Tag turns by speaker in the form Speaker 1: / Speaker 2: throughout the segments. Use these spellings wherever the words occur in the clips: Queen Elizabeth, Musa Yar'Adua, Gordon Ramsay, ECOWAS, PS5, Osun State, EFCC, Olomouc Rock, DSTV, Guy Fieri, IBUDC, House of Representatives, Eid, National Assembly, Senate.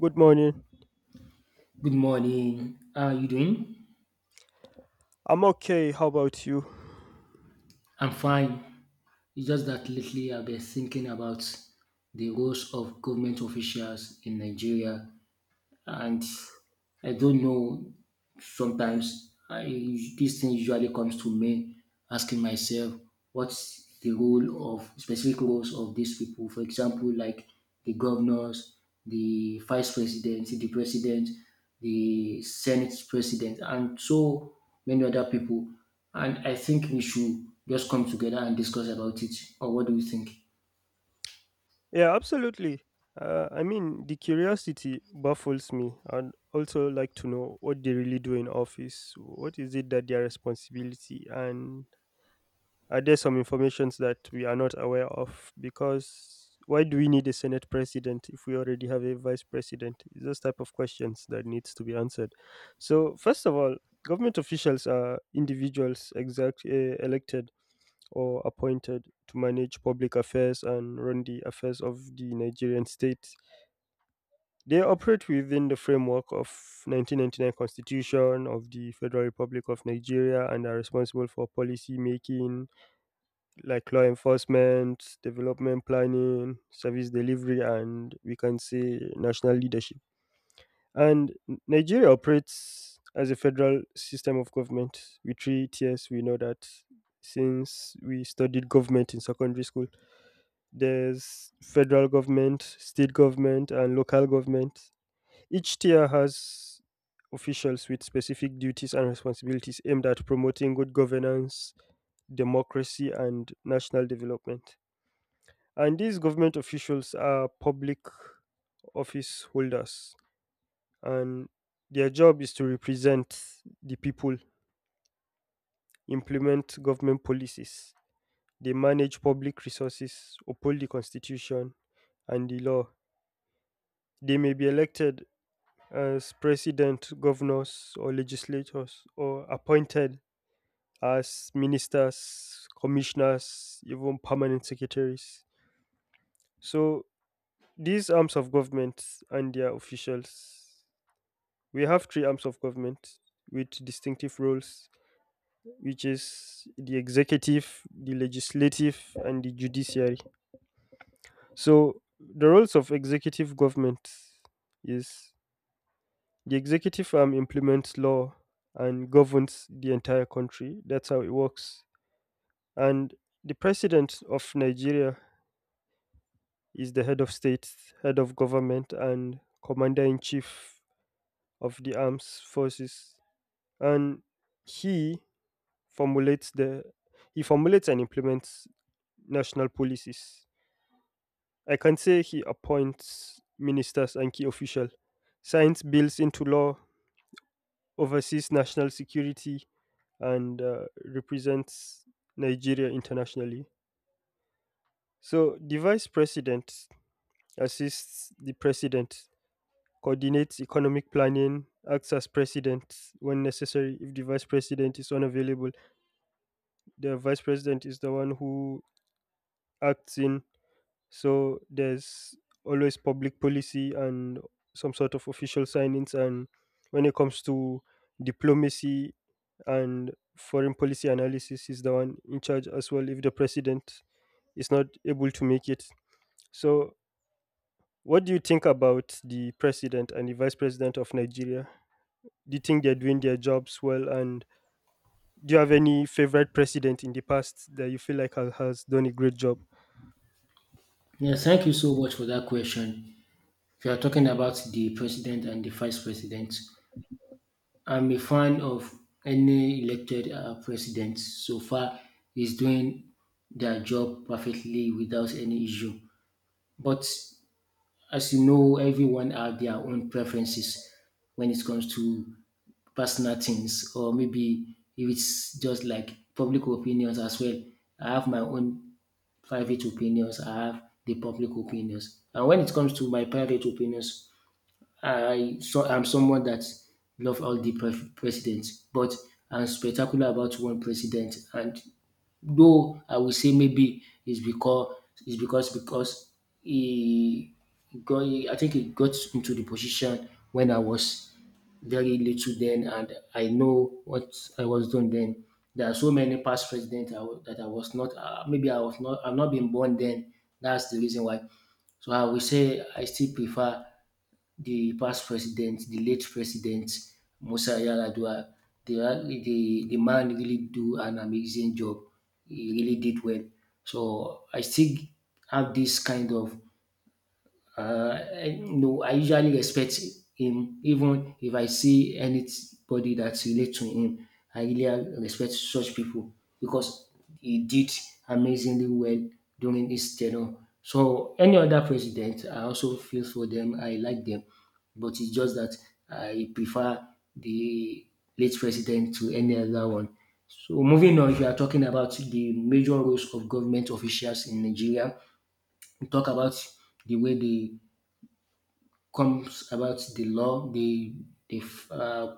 Speaker 1: Good morning.
Speaker 2: Good morning. How are you doing?
Speaker 1: I'm okay. How about you?
Speaker 2: I'm fine. It's just that lately I've been thinking about the roles of government officials in Nigeria, and I don't know. Sometimes I, this thing usually comes to me, asking myself, what's the role of specific roles of these people? For example, like the governors, the vice president, the senate president, and so many other people. And I think we should just come together and discuss about it. Or what do you think?
Speaker 1: Yeah, absolutely. The curiosity baffles me. I'd also like to know what they really do in office. What is it that their responsibility? And are there some informations that we are not aware of? Because why do we need a Senate president if we already have a vice president? It's those type of questions that needs to be answered. So, first of all, government officials are individuals exact, elected or appointed to manage public affairs and run the affairs of the Nigerian state. They operate within the framework of 1999 Constitution of the Federal Republic of Nigeria and are responsible for policy making like law enforcement, development planning, service delivery, and we can say national leadership. And Nigeria operates as a federal system of government with three tiers. We know that since we studied government in secondary school. There's federal government, state government, and local government. Each tier has officials with specific duties and responsibilities aimed at promoting good governance, democracy, and national development. And these government officials are public office holders, and their job is to represent the people, implement government policies, they manage public resources, uphold the constitution and the law. They may be elected as president, governors, or legislators, or appointed as ministers, commissioners, even permanent secretaries. So, these arms of government and their officials, we have three arms of government with distinctive roles, which is the executive, the legislative, and the judiciary. So, the roles of executive government is, the executive arm implements law and governs the entire country. That's how it works. And the president of Nigeria is the head of state, head of government, and commander in chief of the armed forces. And he formulates the he formulates and implements national policies. I can say he appoints ministers and key officials, signs bills into law, oversees national security, and represents Nigeria internationally. So, the vice president assists the president, coordinates economic planning, acts as president when necessary if the vice president is unavailable. The vice president is the one who acts in, so there's always public policy and some sort of official signings. And when it comes to diplomacy and foreign policy analysis, is the one in charge as well if the president is not able to make it. So, what do you think about the president and the vice president of Nigeria? Do you think they're doing their jobs well? And do you have any favorite president in the past that you feel like has done a great job?
Speaker 2: Yeah, thank you so much for that question. We are talking about the president and the vice president. I'm a fan of any elected president so far. Is doing their job perfectly without any issue. But as you know, everyone have their own preferences when it comes to personal things, or maybe if it's just like public opinions as well. I have my own private opinions. I have the public opinions, and when it comes to my private opinions, I so I'm someone that love all the presidents, but I'm spectacular about one president. And though I will say maybe it's because it's because he got I think he got into the position when I was very little then, and I know what I was doing then. There are so many past presidents that I was not. Maybe I was not. I'm not been born then. That's the reason why. So I will say I still prefer the past president, the late president Musa Yar'Adua. The man really do an amazing job. He really did well. So I still have this kind of I- no, I usually respect him even if I see anybody that relate to him. I really respect such people because he did amazingly well during his tenure. So any other president, I also feel for them. I like them, but it's just that I prefer the late president to any other one. So moving on, if you are talking about the major roles of government officials in Nigeria, we talk about the way they comes about the law. They uh,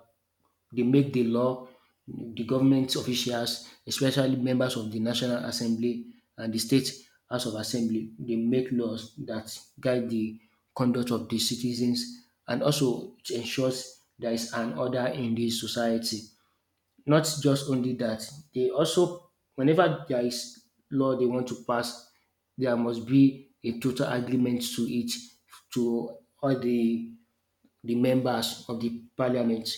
Speaker 2: they make the law. The government officials, especially members of the National Assembly and the State House of Assembly, they make laws that guide the conduct of the citizens, and also it ensures there is an order in the society. Not just only that, they also whenever there is law they want to pass, there must be a total agreement to it to all the members of the parliament.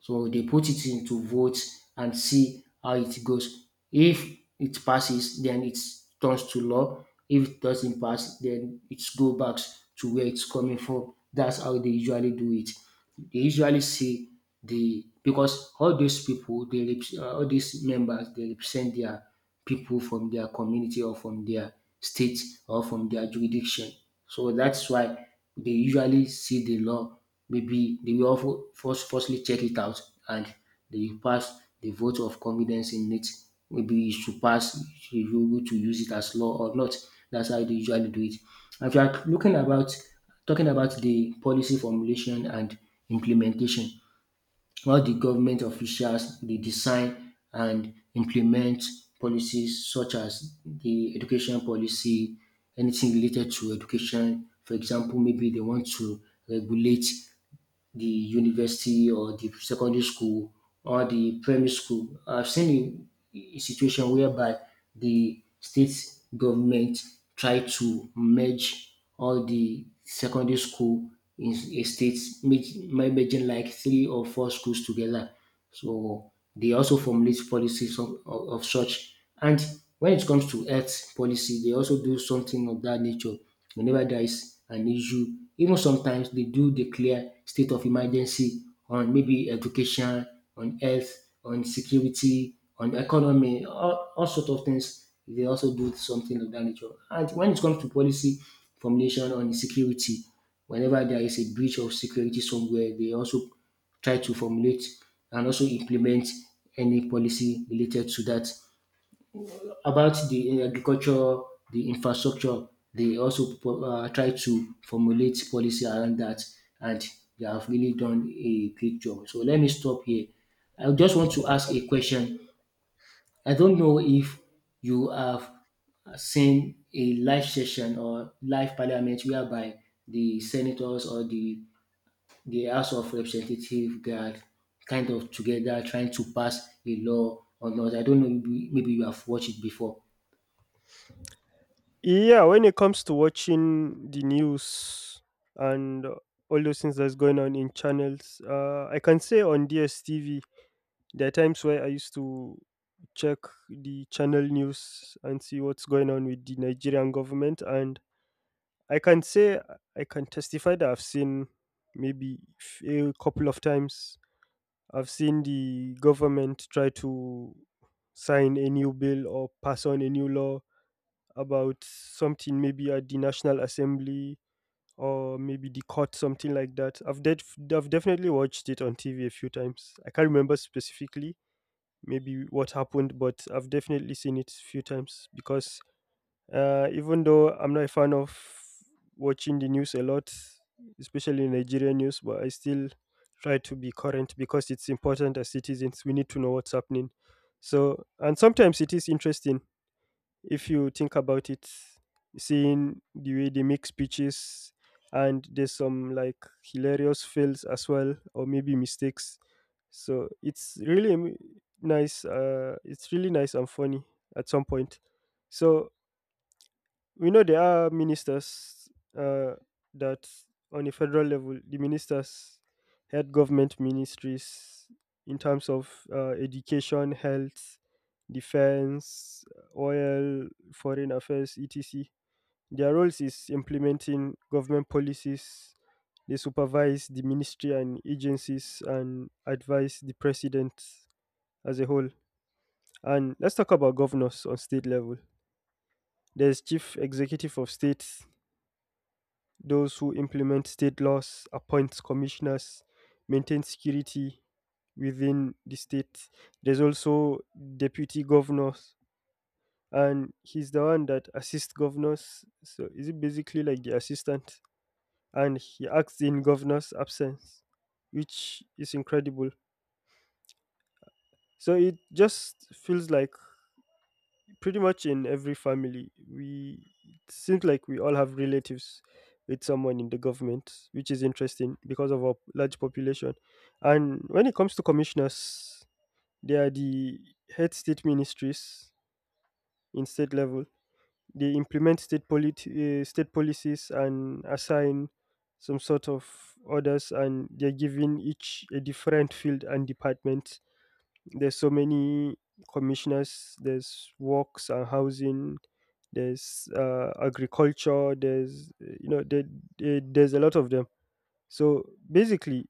Speaker 2: So they put it into vote and see how it goes. If it passes, then it turns to law. If it doesn't pass, then it go back to where it's coming from. That's how they usually do it. They usually see the because all those people, all these members, they represent their people from their community or from their state or from their jurisdiction. So that's why they usually see the law. Maybe they will also firstly check it out and they pass the vote of confidence in it. Maybe it should pass, you should be able to use it as law or not. That's how they usually do it. If you are looking about talking about the policy formulation and implementation, how the government officials they design and implement policies such as the education policy, anything related to education. For example, maybe they want to regulate the university or the secondary school or the primary school. I've seen a situation whereby the state government try to merge all the secondary school in a state, merging like three or four schools together. So they also formulate policies of such. And when it comes to health policy, they also do something of that nature. Whenever there is an issue, even sometimes they do declare state of emergency on maybe education, on health, on security, on economy, all sorts of things. They also do something of that nature. And when it comes to policy formulation on security, whenever there is a breach of security somewhere, they also try to formulate and also implement any policy related to that. About the agriculture, the infrastructure, they also try to formulate policy around that, and they have really done a great job. So let me stop here. I just want to ask a question. I don't know if you have seen a live session or live parliament whereby the senators or the House of Representative, they are kind of together trying to pass a law or not. I don't know, maybe you have watched it before.
Speaker 1: Yeah, when it comes to watching the news and all those things that's going on in channels, I can say on DSTV, there are times where I used to check the channel news and see what's going on with the Nigerian government, and I can say I can testify that I've seen maybe a couple of times I've seen the government try to sign a new bill or pass on a new law about something maybe at the National Assembly or maybe the court, something like that. I've definitely watched it on TV a few times. I can't remember specifically maybe what happened, but I've definitely seen it a few times because even though I'm not a fan of watching the news a lot, especially Nigerian news, but I still try to be current because it's important as citizens. We need to know what's happening. So, and sometimes it is interesting if you think about it, seeing the way they make speeches, and there's some like hilarious fails as well, or maybe mistakes. So, nice. It's really nice and funny at some point. So, we know there are ministers uh, that on a federal level the ministers head government ministries in terms of education, health, defense, oil, foreign affairs, etc. Their roles is implementing government policies, they supervise the ministry and agencies and advise the president as a whole. And let's talk about governors. On state level, there's chief executive of state, those who implement state laws, appoint commissioners, maintain security within the state. There's also deputy governors, and he's the one that assists governors. So is it basically like the assistant? And he acts in governor's absence, which is incredible. So it just feels like pretty much in every family we it seems like we all have relatives with someone in the government, which is interesting because of our large population. And when it comes to commissioners, they are the head state ministries. In state level they implement state policies and assign some sort of orders, and they're giving each a different field and department. There's so many commissioners. There's works and housing, there's agriculture, there's there's a lot of them. So basically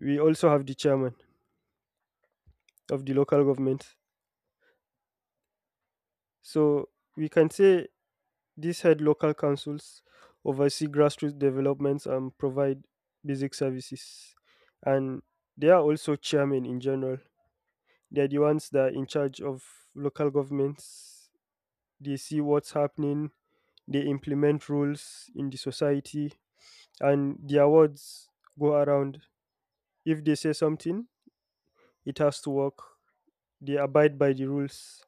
Speaker 1: we also have the chairman of the local government. So we can say these head local councils oversee grassroots developments and provide basic services. And they are also chairmen. In general, they're the ones that are in charge of local governments. They see what's happening, they implement rules in the society, and their words go around. If they say something, it has to work. They abide by the rules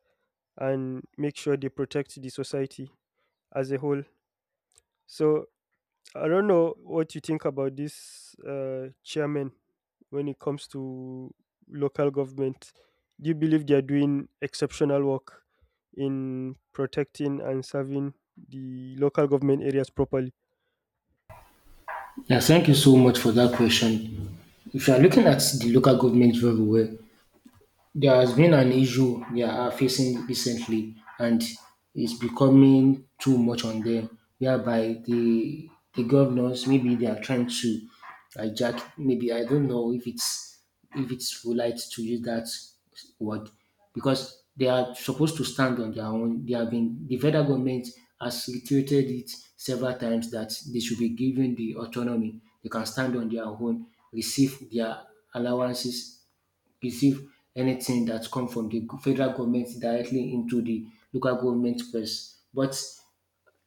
Speaker 1: and make sure they protect the society as a whole. So I don't know what you think about this chairman when it comes to local government. Do you believe they are doing exceptional work in protecting and serving the local government areas properly?
Speaker 2: Yeah, thank you so much for that question. If you are looking at the local government very well, there has been an issue they are facing recently, and it's becoming too much on them, whereby the governors maybe they are trying to hijack. Maybe I don't know if it's polite to use that word because they are supposed to stand on their own. They have been the federal government has reiterated it several times that they should be given the autonomy. They can stand on their own, receive their allowances, receive anything that come from the federal government directly into the local government purse. But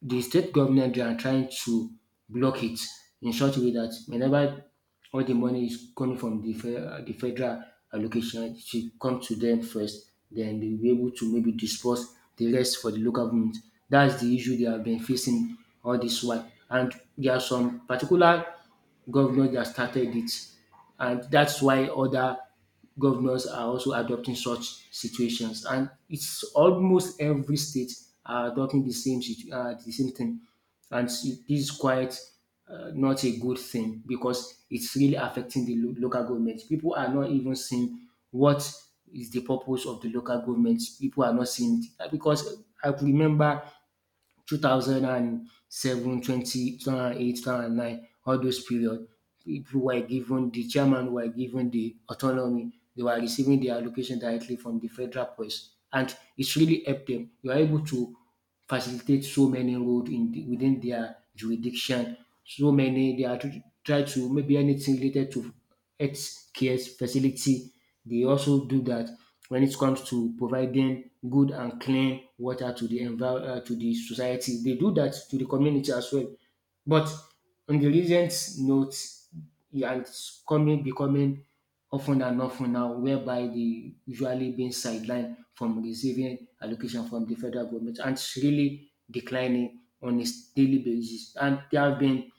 Speaker 2: the state government they are trying to block it in such a way that whenever all the money is coming from the federal allocation, it should come to them first. Then they'll be able to maybe disperse the rest for the local government. That's the issue they have been facing all this while. And there are some particular governors that started it. And that's why other governors are also adopting such situations. And it's almost every state are adopting the the same thing. And see, this is quite not a good thing because it's really affecting local government. People are not even seeing what is the purpose of the local government. People are not seeing it. Because I could remember 2007, 20, 2009, all those periods, people were given, the chairman were given the autonomy. They were receiving their allocation directly from the federal police. And it's really helped them. You are able to facilitate so many roads in within their jurisdiction. So many, try to maybe anything related to health care facility, they also do that. When it comes to providing good and clean water to to the society, they do that to the community as well. But on the recent note, yeah, it's coming becoming often and often now, whereby they usually being sidelined from receiving allocation from the federal government, and it's really declining on a daily basis. And there have been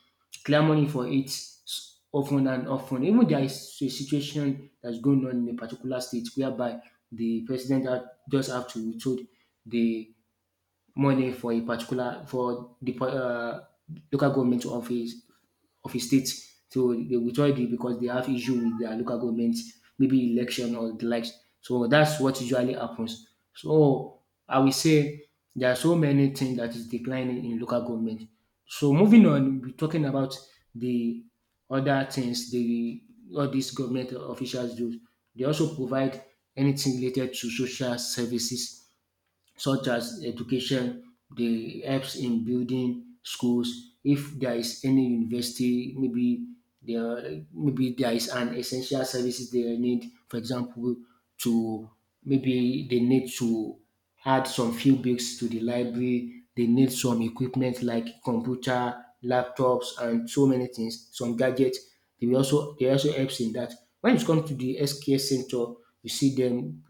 Speaker 2: clamoring for it often and often. Even there is a situation that's going on in a particular state whereby just have to withhold the money for a particular for the local government of his state. So they withdraw it because they have issue with their local government, maybe election or the likes. So that's what usually happens. So I will say there are so many things that is declining in local government. So moving on, we're talking about the other things the all these government officials do. They also provide anything related to social services such as education. They helps in building schools. If there is any university, maybe there is an essential services they need. For example, to maybe they need to add some few books to the library, they need some equipment like computer, laptops, and so many things, some gadgets. They will also they also helps in that. When it comes to the healthcare center, you see them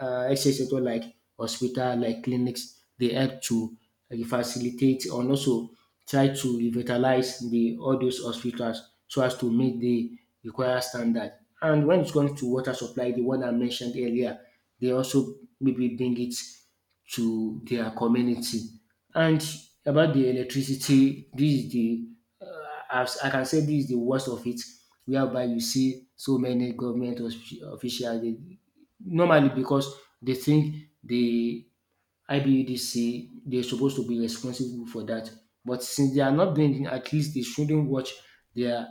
Speaker 2: health sector like hospital, like clinics, they help to facilitate and also try to revitalize the all those hospitals so as to meet the required standard. And when it comes to water supply, the one I mentioned earlier, they also maybe bring it to their community. And about the electricity, this is the uh, as I can say this is the worst of it, whereby you see so many officials normally because they think the IBUDC they're supposed to be responsible for that. But since they are not doing it, at least they shouldn't watch their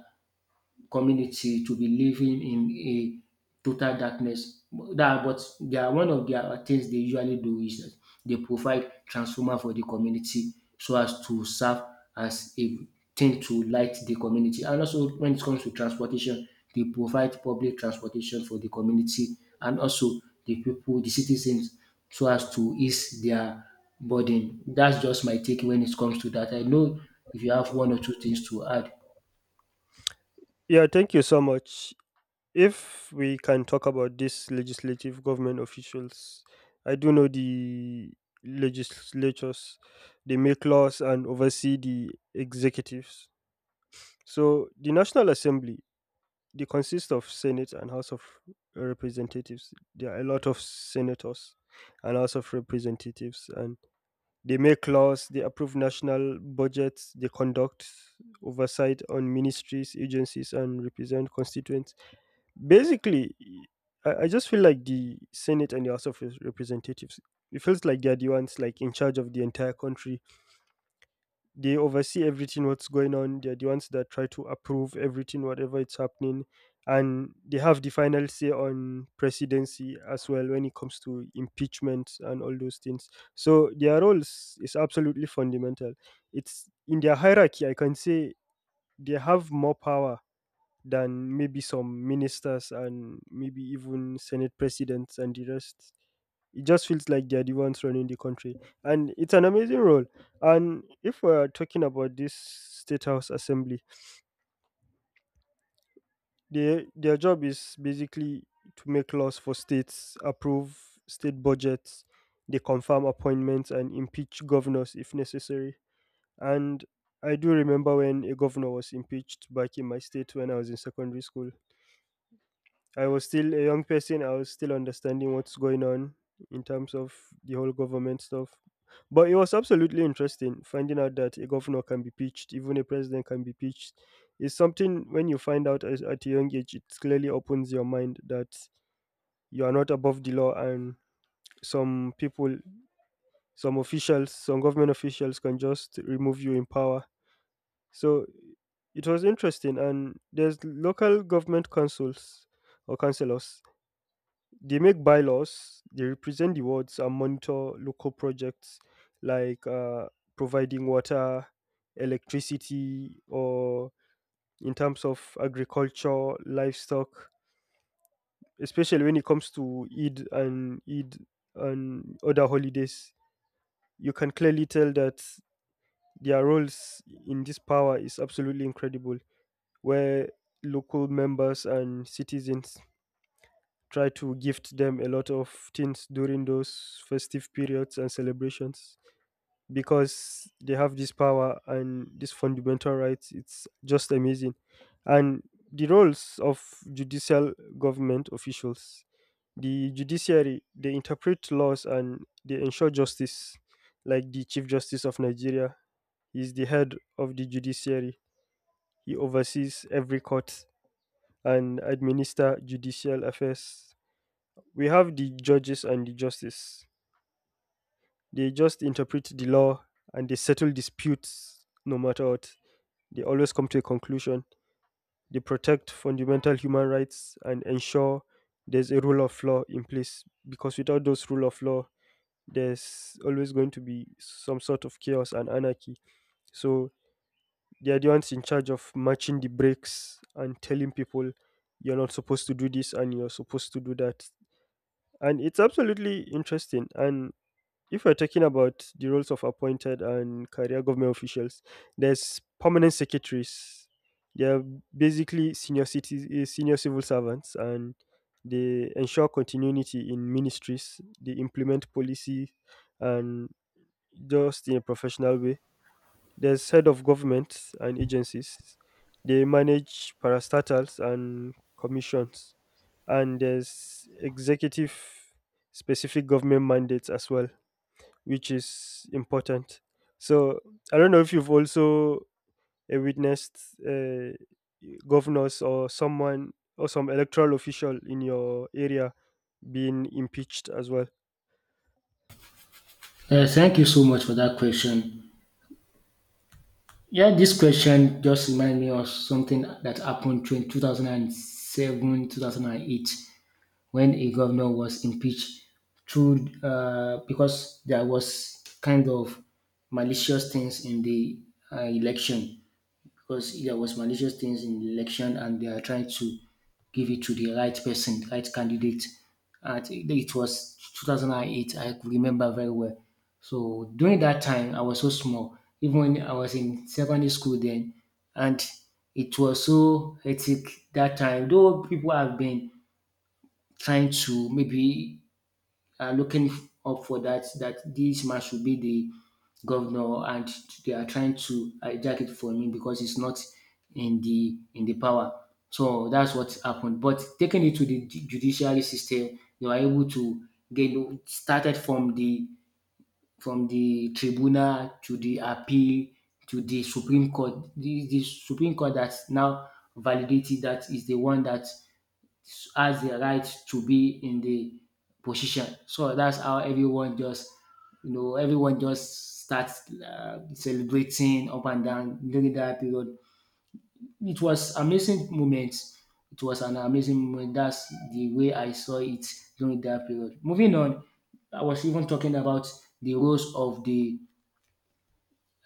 Speaker 2: community to be living in a total darkness. That but they are one of their things they usually do is that they provide transformer for the community so as to serve as a thing to light the community. And also when it comes to transportation, they provide public transportation for the community and also the people, the citizens, so as to ease their burden. That's just my take when it comes to that. I know if you have one or two things to add.
Speaker 1: Yeah, thank you so much. If we can talk about these legislative government officials, I do know the legislatures, they make laws and oversee the executives. So the National Assembly, they consist of Senate and House of Representatives. There are a lot of senators and House of Representatives, and they make laws, they approve national budgets, they conduct oversight on ministries, agencies, and represent constituents basically. I just feel like the Senate and the House of Representatives, it feels like they're the ones like in charge of the entire country. They oversee everything what's going on. They're the ones that try to approve everything whatever it's happening, and they have the final say on presidency as well when it comes to impeachment and all those things. So their role is absolutely fundamental. It's in their hierarchy, I can say. They have more power than maybe some ministers and maybe even senate presidents and the rest. It just feels like they're the ones running the country, and it's an amazing role. And if we're talking about this state house assembly, their job is basically to make laws for states, approve state budgets, they confirm appointments and impeach governors if necessary. And I do remember when a governor was impeached back in my state when I was in secondary school. I was still a young person. I was still understanding what's going on in terms of the whole government stuff. But it was absolutely interesting finding out that a governor can be pitched, even a president can be pitched. It's something when you find out as, at a young age, it clearly opens your mind that you are not above the law, and some people, some officials, some government officials can just remove you in power. So it was interesting. And there's local government councils or councillors. They make bylaws, they represent the wards and monitor local projects like providing water, electricity, or in terms of agriculture, livestock, especially when it comes to Eid and Eid and other holidays. You can clearly tell that their roles in this power is absolutely incredible, where local members and citizens try to gift them a lot of things during those festive periods and celebrations because they have this power and this fundamental rights. It's just amazing. And the roles of judicial government officials, the judiciary, they interpret laws and they ensure justice. Like the chief justice of Nigeria is the head of the judiciary. He oversees every court and administer judicial affairs. We have the judges and the justice. They just interpret the law and they settle disputes no matter what. They always come to a conclusion. They protect fundamental human rights and ensure there's a rule of law in place because without those rule of law, there's always going to be some sort of chaos and anarchy. So they are the ones in charge of matching the breaks and telling people you're not supposed to do this and you're supposed to do that. And it's absolutely interesting. And if we're talking about the roles of appointed and career government officials, there's permanent secretaries. They're basically senior civil servants, and they ensure continuity in ministries. They implement policy, and just in a professional way. There's head of governments and agencies. They manage parastatals and commissions, and there's executive specific government mandates as well, which is important. So I don't know if you've also witnessed uh, governors or someone or some electoral official in your area being impeached as well.
Speaker 2: Thank you so much for that question. Yeah, this question just reminded me of something that happened between 2007 2008 when a governor was impeached through because there was kind of malicious things in the election, because there was malicious things in the election and they are trying to give it to the right person, the right candidate. I think that it was 2008. I could remember very well. So during that time, I was so small. Even when I was in secondary school then, and it was so hectic that time. Though people have been trying to maybe looking up for that this man should be the governor, and they are trying to hijack it for him because it's not in the in the power. So that's what happened. But taking it to the judiciary system, they were able to get started from the tribunal to the appeal to the Supreme Court. The Supreme Court that now validated that is the one that has the right to be in the position. So that's how everyone just, everyone just starts celebrating up and down during that period. It was amazing moment. It was an amazing moment. That's the way I saw it during that period. Moving on, I was even talking about the roles of the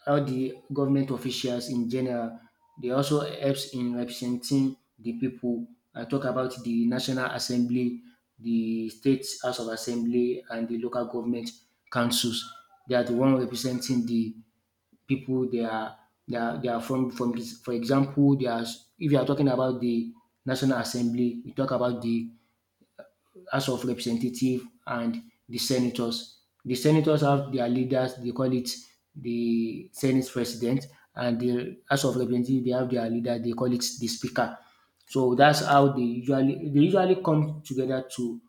Speaker 2: all the government officials in general. They also helps in representing the people. I talk about the National Assembly, the State House of Assembly, and the local government councils. They are the one representing the people. They are from this, for example, they are, if you are talking about the National Assembly, we talk about the House of Representative and the senators. The senators have their leaders, they call it the Senate President, and the House of Representative they have their leader, they call it the Speaker. So that's how they usually come together to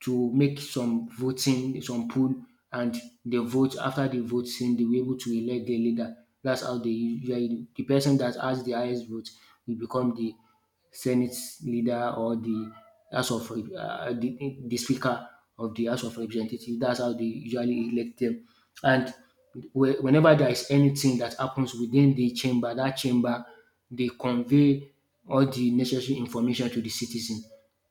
Speaker 2: make some voting, some poll, and they vote. After the vote, then they were able to elect the leader. That's how they usually do. The person that has the highest vote will become the Senate leader or the House of the Speaker of the House of Representatives. That's how they usually elect them. And whenever there is anything that happens within the chamber, that chamber they convey all the necessary information to the citizen.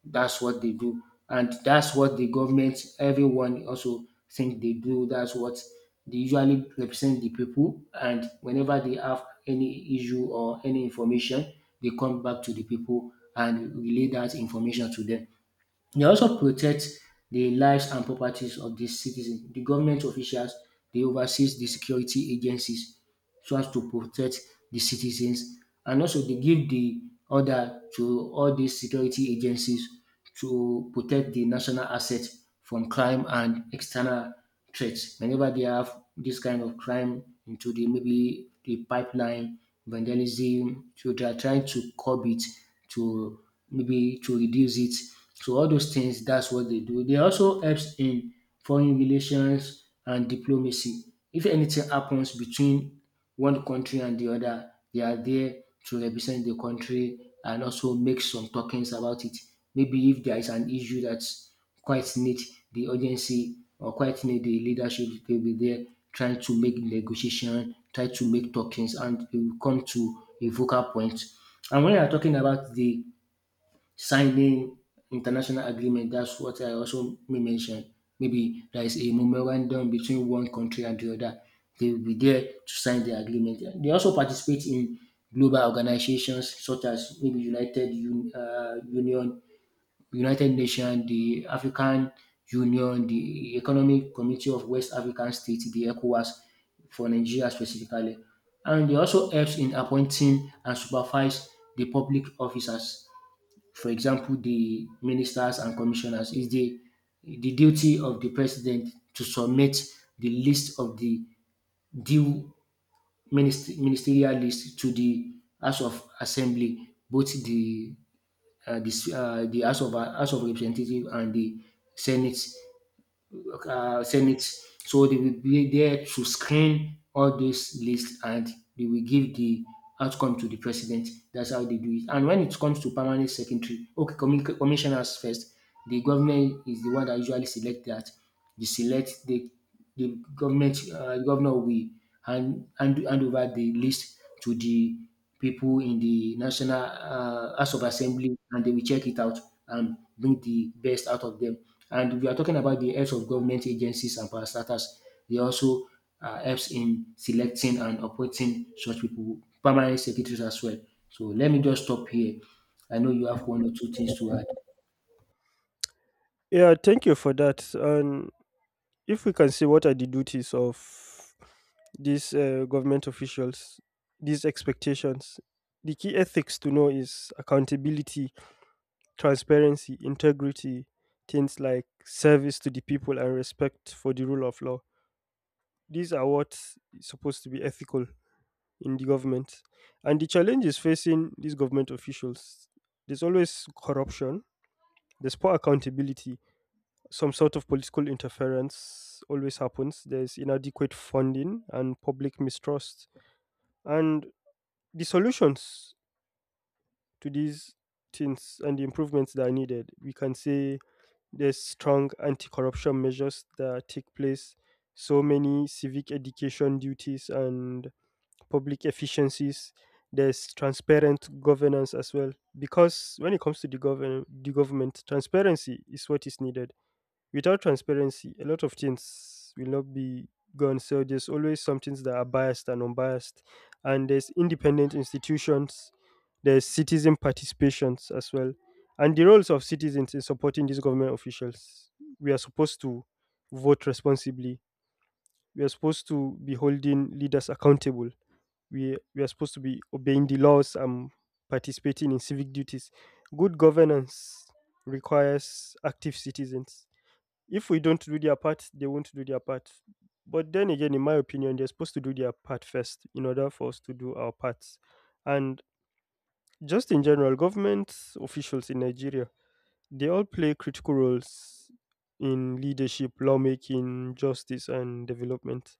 Speaker 2: That's what they do, and that's what the government, everyone also think they do. That's what they usually represent the people, and whenever they have any issue or any information, they come back to the people and relay that information to them. They also protect the lives and properties of the citizen. The government officials they oversees the security agencies so as to protect the citizens, and also they give the order to all these security agencies to protect the national assets from crime and external threats. Whenever they have this kind of crime into the maybe the pipeline vandalism, so they are trying to curb it to maybe to reduce it. So all those things, that's what they do. They also helps in foreign relations and diplomacy. If anything happens between one country and the other, they are there to represent the country and also make some talkings about it. Maybe if there is an issue that quite neat. The urgency or quite neat. The leadership will be there trying to make negotiation, try to make talkings and they will come to a vocal point. And when you are talking about the signing international agreement, that's what I also may mention. Maybe there is a memorandum between one country and the other. They will be there to sign the agreement. They also participate in global organizations such as maybe United Union, United Nations, the African Union, the Economic Committee of West African States, the ECOWAS for Nigeria specifically. And it also helps in appointing and supervise the public officers. For example, the ministers and commissioners is the duty of the president to submit the list of the due ministerial list to the House of Assembly, both the House of Representative and the Senate Senate. So they will be there to screen all those lists and they will give the outcome to the president. That's how they do it. And when it comes to permanent secretary, okay, commissioners first. The government is the one that usually select that. They select the government governor will hand over the list to the people in the national house of assembly and they will check it out and bring the best out of them. And we are talking about the heads of government agencies and parastatals, they also helps in selecting and appointing such people, permanent secretaries as well. So let me just stop here. I know you have one or two things to add.
Speaker 1: Yeah, thank you for that. And if we can see what are the duties of these government officials, these expectations, the key ethics to know is accountability, transparency, integrity, things like service to the people and respect for the rule of law. These are what's supposed to be ethical in the government. And the challenge is facing these government officials. There's always corruption, there's poor accountability, some sort of political interference always happens, there's inadequate funding and public mistrust. And the solutions to these things and the improvements that are needed, we can say there's strong anti-corruption measures that take place, so many civic education duties and public efficiencies. There's transparent governance as well, because when it comes to the government, transparency is what is needed. Without transparency, a lot of things will not be gone. So there's always some things that are biased and unbiased. And there's independent institutions, there's citizen participations as well. And the roles of citizens in supporting these government officials. We are supposed to vote responsibly. We are supposed to be holding leaders accountable. We are supposed to be obeying the laws and participating in civic duties. Good governance requires active citizens. If we don't do their part, they won't do their part. But then again, in my opinion, they're supposed to do their part first in order for us to do our parts. And just in general, government officials in Nigeria, they all play critical roles in leadership, lawmaking, justice, and development.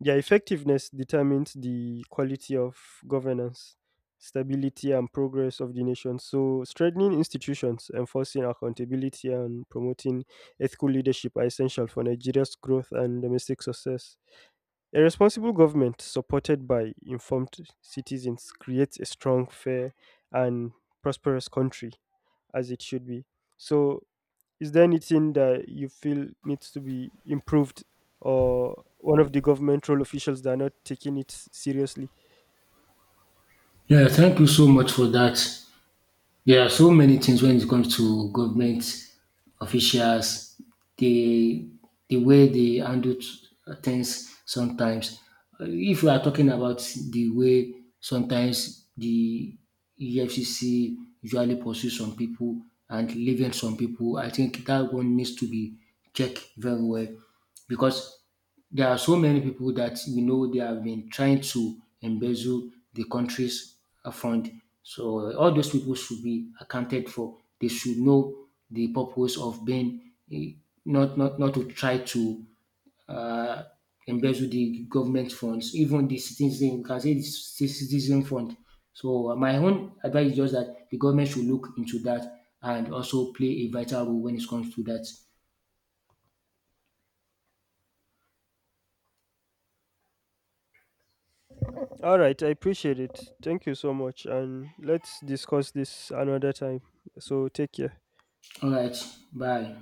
Speaker 1: Their effectiveness determines the quality of governance, stability, and progress of the nation. So, strengthening institutions, enforcing accountability, and promoting ethical leadership are essential for Nigeria's growth and domestic success. A responsible government supported by informed citizens creates a strong, fair, and prosperous country, as it should be. So, is there anything that you feel needs to be improved or one of the governmental officials that are not taking it seriously?
Speaker 2: Yeah, thank you so much for that. There are so many things when it comes to government officials, the the way they handle things sometimes. If we are talking about the way sometimes the EFCC usually pursue some people and leaving some people, I think that one needs to be checked very well, because there are so many people that we know they have been trying to embezzle the country's fund. So all those people should be accounted for. They should know the purpose of being eh, not to try to uh, embezzle the government funds, even the citizen, you can say the citizen fund. So my own advice is just that the government should look into that and also play a vital role when it comes to that.
Speaker 1: All right, I appreciate it. Thank you so much. And let's discuss this another time. So take care.
Speaker 2: All right, bye.